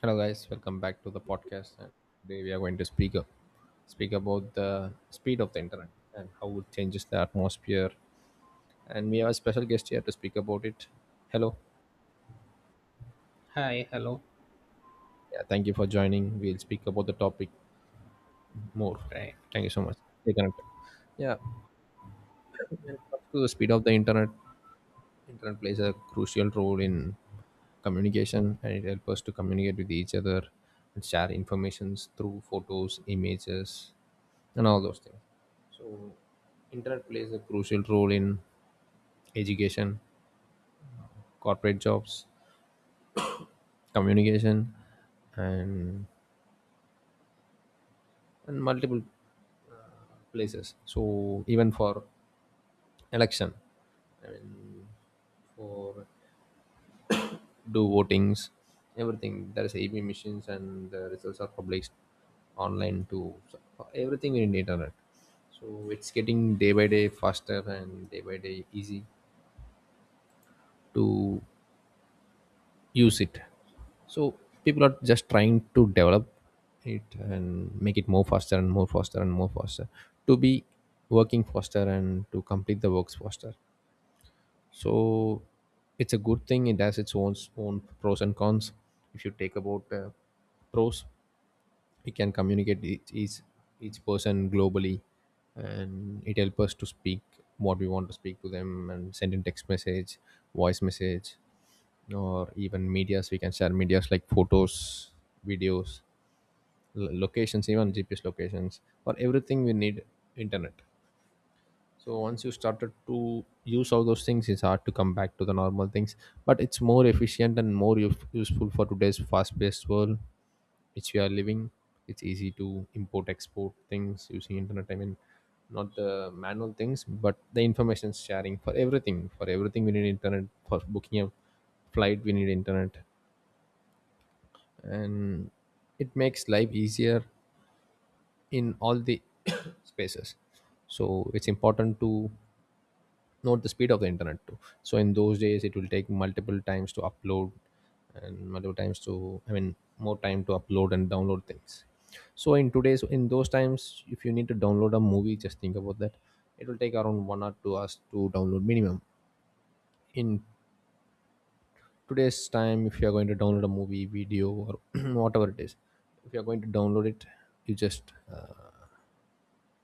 Hello guys, welcome back to the podcast. And today we are going to speak about the speed of the internet and how it changes the atmosphere. And we have a special guest here to speak about it. Hello. Hi, hello. Yeah, thank you for joining. We'll speak about the topic more. Right. Thank you so much. Stay connected. Yeah, when it comes to the speed of the internet, internet plays a crucial role in communication, and it helps us to communicate with each other and share informations through photos, images and all those things. So internet plays a crucial role in education, corporate jobs, communication, and and multiple places. So even for election, I mean, for do votings, everything. There's AB machines and the results are published online too. So everything in internet. So it's getting day by day faster and day by day easy to use it. So people are just trying to develop it and make it more faster and more faster and more faster to be working faster and to complete the works faster. So it's a good thing. It has its own pros and cons. If you take about pros, we can communicate each each person globally, and it helps us to speak what we want to speak to them and send in text message, voice message, or even medias. We can share medias like photos, videos, locations, even GPS locations. For everything we need internet. So once you started to use all those things, it's hard to come back to the normal things. But it's more efficient and more useful for today's fast-paced world, which we are living. It's easy to import-export things using internet. I mean, not the manual things, but the information sharing. For everything, for everything, we need internet. For booking a flight, we need internet, and it makes life easier in all the spaces. So it's important to not the speed of the internet too. So in those days it will take multiple times to upload and multiple times to, I mean, more time to upload and download things. So in today's, in those times, if you need to download a movie, just think about that. It will take around 1 or 2 hours to download minimum. In today's time, if you are going to download a movie, video or whatever it is, if you are going to download it, you just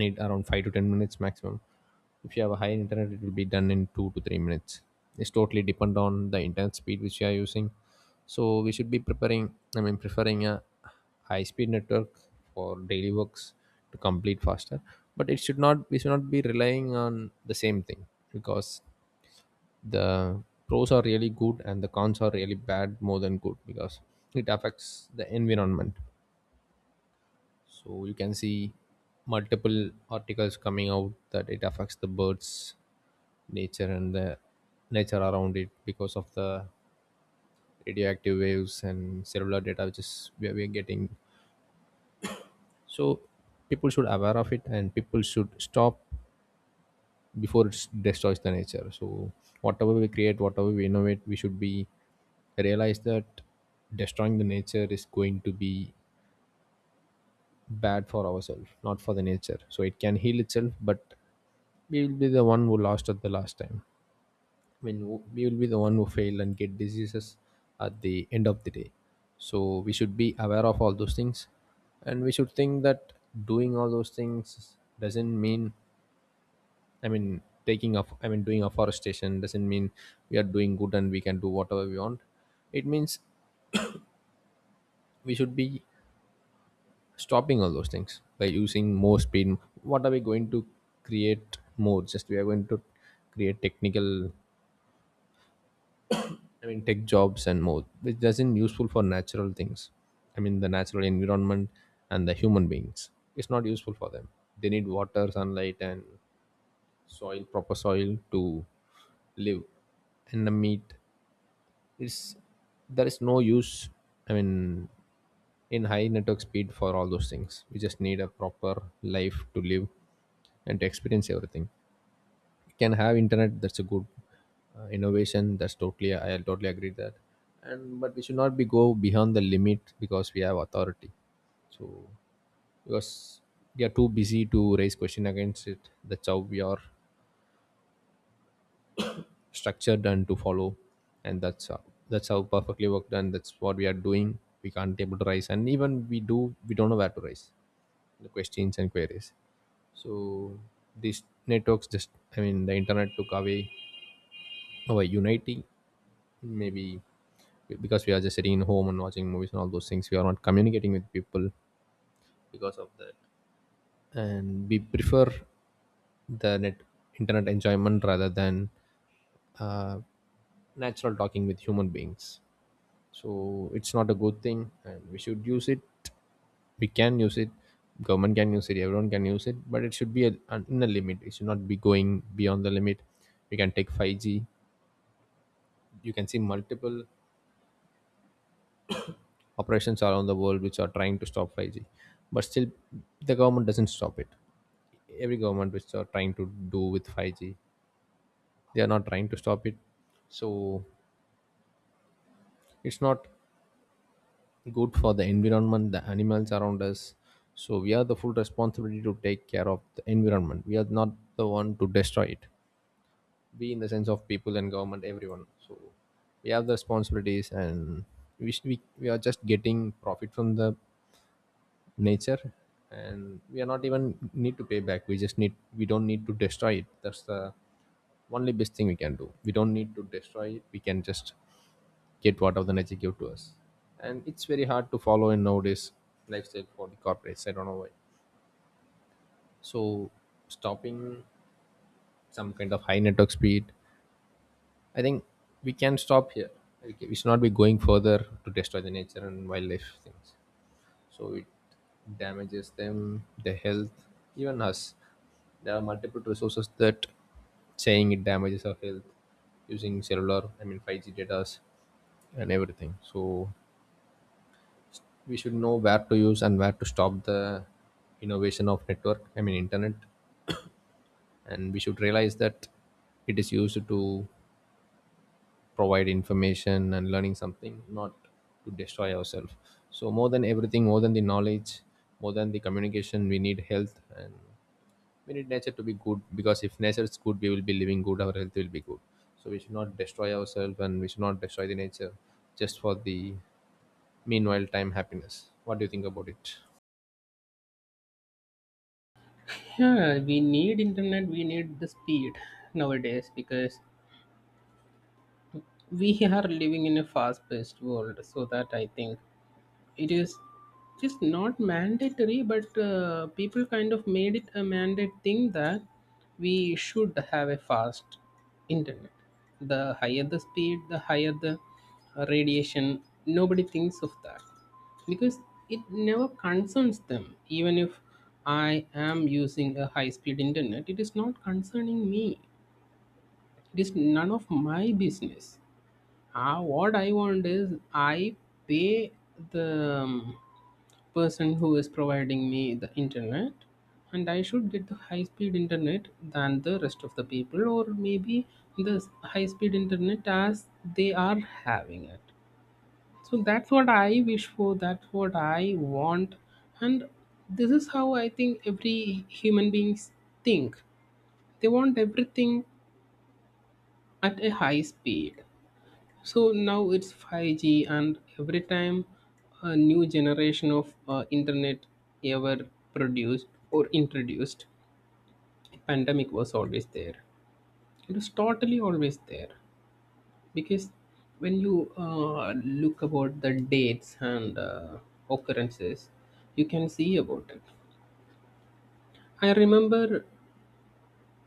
need around 5 to 10 minutes maximum. If you have a high internet, it will be done in 2 to 3 minutes. It's totally depend on the internet speed which you are using. So we should be preparing, I mean, preferring a high speed network for daily works to complete faster. But it should not, we should not be relying on the same thing, because the pros are really good and the cons are really bad, more than good, because it affects the environment. So you can see multiple articles coming out that it affects the birds, nature and the nature around it because of the radioactive waves and cellular data, which is where we are getting. So people should aware of it, and people should stop before it destroys the nature. So whatever we create, whatever we innovate, we should be realize that destroying the nature is going to be bad for ourselves, not for the nature. So it can heal itself, but we will be the one who lost at the last time. I mean, we will be the one who fail and get diseases at the end of the day. So we should be aware of all those things, and we should think that doing all those things doesn't mean, I mean, taking off, I mean, doing afforestation doesn't mean we are doing good and we can do whatever we want. It means we should be stopping all those things by using more speed. What are we going to create more? Just we are going to create technical, I mean tech jobs and more, which doesn't useful for natural things, I mean the natural environment and the human beings. It's not useful for them. They need water, sunlight and soil, proper soil to live. And the meat, it's, there is no use, I mean, in high network speed. For all those things we just need a proper life to live and to experience everything. You can have internet, that's a good innovation. That's totally, I totally agree that. And but we should not be go beyond the limit because we have authority. So, because we are too busy to raise question against it. That's how we are structured and to follow, and that's how perfectly worked, and that's what we are doing. We can't able to rise, and even we do, we don't know where to rise the questions and queries. So these networks just, I mean the internet took away our unity, maybe, because we are just sitting in home and watching movies and all those things. We are not communicating with people because of that, and we prefer the net, internet enjoyment rather than uh, natural talking with human beings. So it's not a good thing, and we should use it, we can use it, government can use it, everyone can use it, but it should be in a limit. It should not be going beyond the limit. We can take 5G. You can see multiple operations around the world which are trying to stop 5G, but still the government doesn't stop it. Every government which are trying to do with 5G, they are not trying to stop it. So it's not good for the environment, the animals around us. So we are the full responsibility to take care of the environment. We are not the one to destroy it. We, in the sense of people and government, everyone. So we have the responsibilities, and we are just getting profit from the nature, and we are not even need to pay back. We just need, we don't need to destroy it. That's the only best thing we can do. We don't need to destroy it. We can just get what of the nature give to us. And it's very hard to follow in nowadays lifestyle for the corporates. I don't know why. So stopping some kind of high network speed, I think we can stop here. We should not be going further to destroy the nature and wildlife things. So it damages them, their health, even us. There are multiple resources that saying it damages our health using cellular, I mean 5G data and everything. So we should know where to use and where to stop the innovation of network, I mean internet. And we should realize that it is used to provide information and learning something, not to destroy ourselves. So more than everything, more than the knowledge, more than the communication, we need health, and we need nature to be good, because if nature is good, we will be living good, our health will be good. So we should not destroy ourselves, and we should not destroy the nature just for the meanwhile time happiness. What do you think about it? Yeah, we need internet, we need the speed nowadays because we are living in a fast-paced world, so that I think it is just not mandatory, but people kind of made it a mandate thing that we should have a fast internet. The higher the speed, the higher the radiation. Nobody thinks of that because it never concerns them. Even if I am using a high speed internet, it is not concerning me. It is none of my business. What I want is I pay the person who is providing me the internet, and I should get the high speed internet than the rest of the people, or maybe the high speed internet as they are having it. So that's what I wish for, that's what I want, and this is how I think every human beings think. They want everything at a high speed, so now it's 5G, and every time a new generation of internet ever produced or introduced, pandemic was always there. It was totally always there because when you look about the dates and occurrences, you can see about it. I remember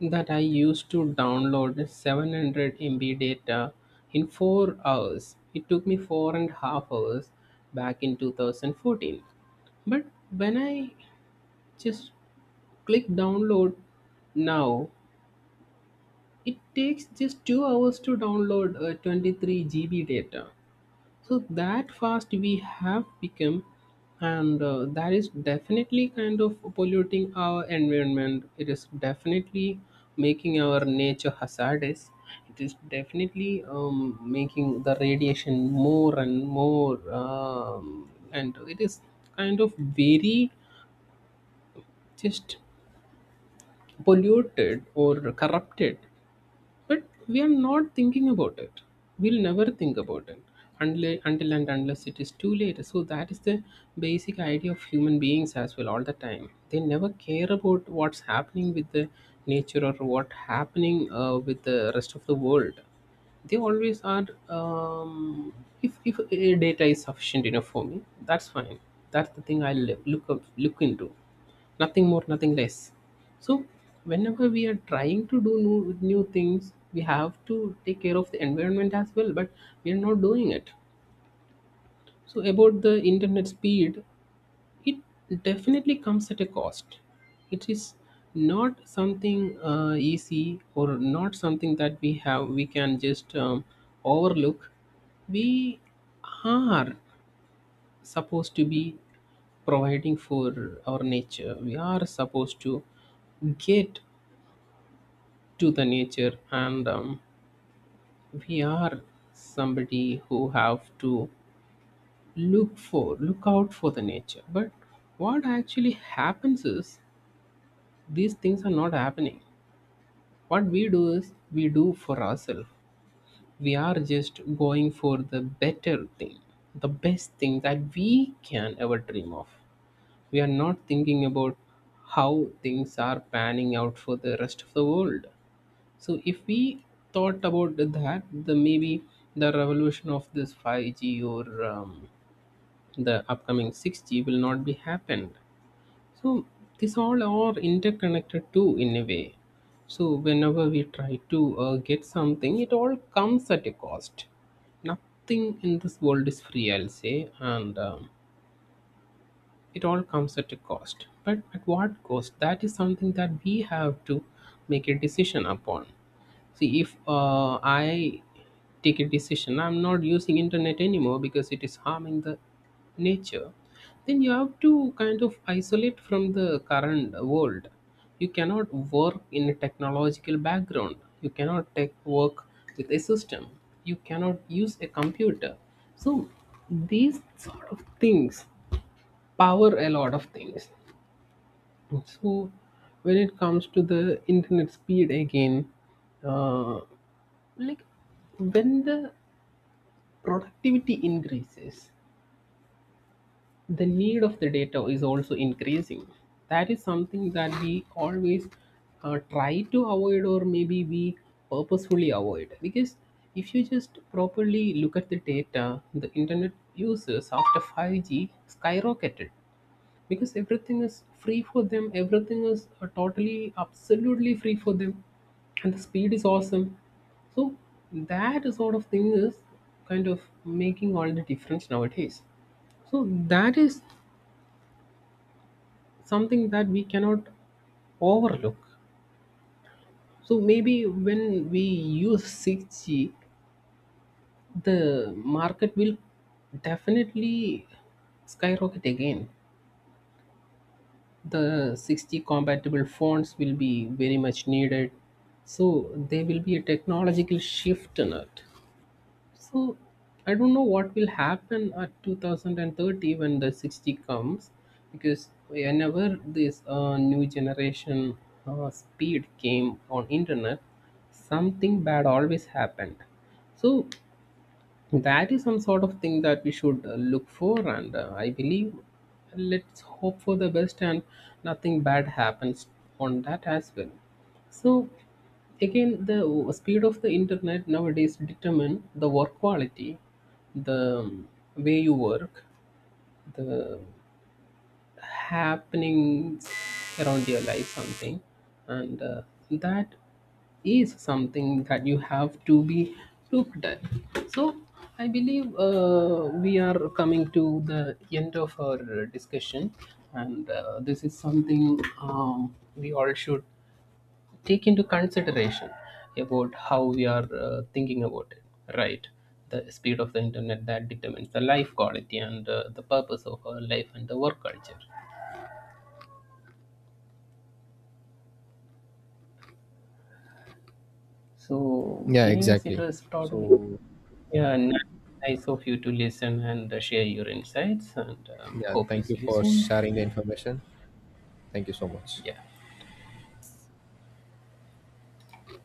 that I used to download 700 MB data in 4 hours. It took me 4 and a half hours back in 2014. But when I just click download now, it takes just 2 hours to download 23 GB data, so that fast we have become. And that is definitely kind of polluting our environment. It is definitely making our nature hazardous. It is definitely making the radiation more and more, and it is kind of very just polluted or corrupted, but we are not thinking about it. We'll never think about it until and unless it is too late. So that is the basic idea of human beings as well. All the time they never care about what's happening with the nature or what happening with the rest of the world. They always are, if data is sufficient enough for me, that's fine. That's the thing I look into. Nothing more, nothing less. So whenever we are trying to do new, new things, we have to take care of the environment as well, but we are not doing it. So about the internet speed, it definitely comes at a cost. It is not something easy or not something that we can just overlook. We are supposed to be providing for our nature. We are supposed to get to the nature, and we are somebody who have to look out for the nature. But what actually happens is these things are not happening. What we do is we do for ourselves. We are just going for the better thing, the best thing that we can ever dream of. We are not thinking about how things are panning out for the rest of the world. So if we thought about that, the maybe the revolution of this 5G, or the upcoming 6G, will not be happened. So these all are interconnected too in a way. So whenever we try to get something, it all comes at a cost. Nothing in this world is free, I'll say, and it all comes at a cost. But at what cost? That is something that we have to make a decision upon. See, if I take a decision I'm not using internet anymore because it is harming the nature, then you have to kind of isolate from the current world. You cannot work in a technological background. You cannot take work with a system. You cannot use a computer. So these sort of things power a lot of things. So when it comes to the internet speed again, uh, like, when the productivity increases, the need of the data is also increasing. That is something that we always try to avoid, or maybe we purposefully avoid, because if you just properly look at the data, the internet users after 5G skyrocketed because everything is free for them. Everything is totally absolutely free for them, and the speed is awesome. So that sort of thing is kind of making all the difference nowadays. So that is something that we cannot overlook. So maybe when we use 6G, the market will definitely skyrocket again. The 60 compatible fonts will be very much needed, so there will be a technological shift in it. So I don't know what will happen at 2030 when the 60 comes, because whenever this new generation speed came on internet, something bad always happened. So that is some sort of thing that we should look for, and I believe let's hope for the best and nothing bad happens on that as well. So, again, the speed of the internet nowadays determine the work quality, the way you work, the happenings around your life something. And that is something that you have to be looked at. So I believe we are coming to the end of our discussion, and this is something, we all should take into consideration about how we are thinking about it. Right, the speed of the internet that determines the life quality and the purpose of our life and the work culture. So, Yeah, anyways, it exactly. was totally So yeah ni- nice of you to listen and share your insights, and yeah, hope to thank you see you for soon. sharing the information. Thank you so much. Yeah.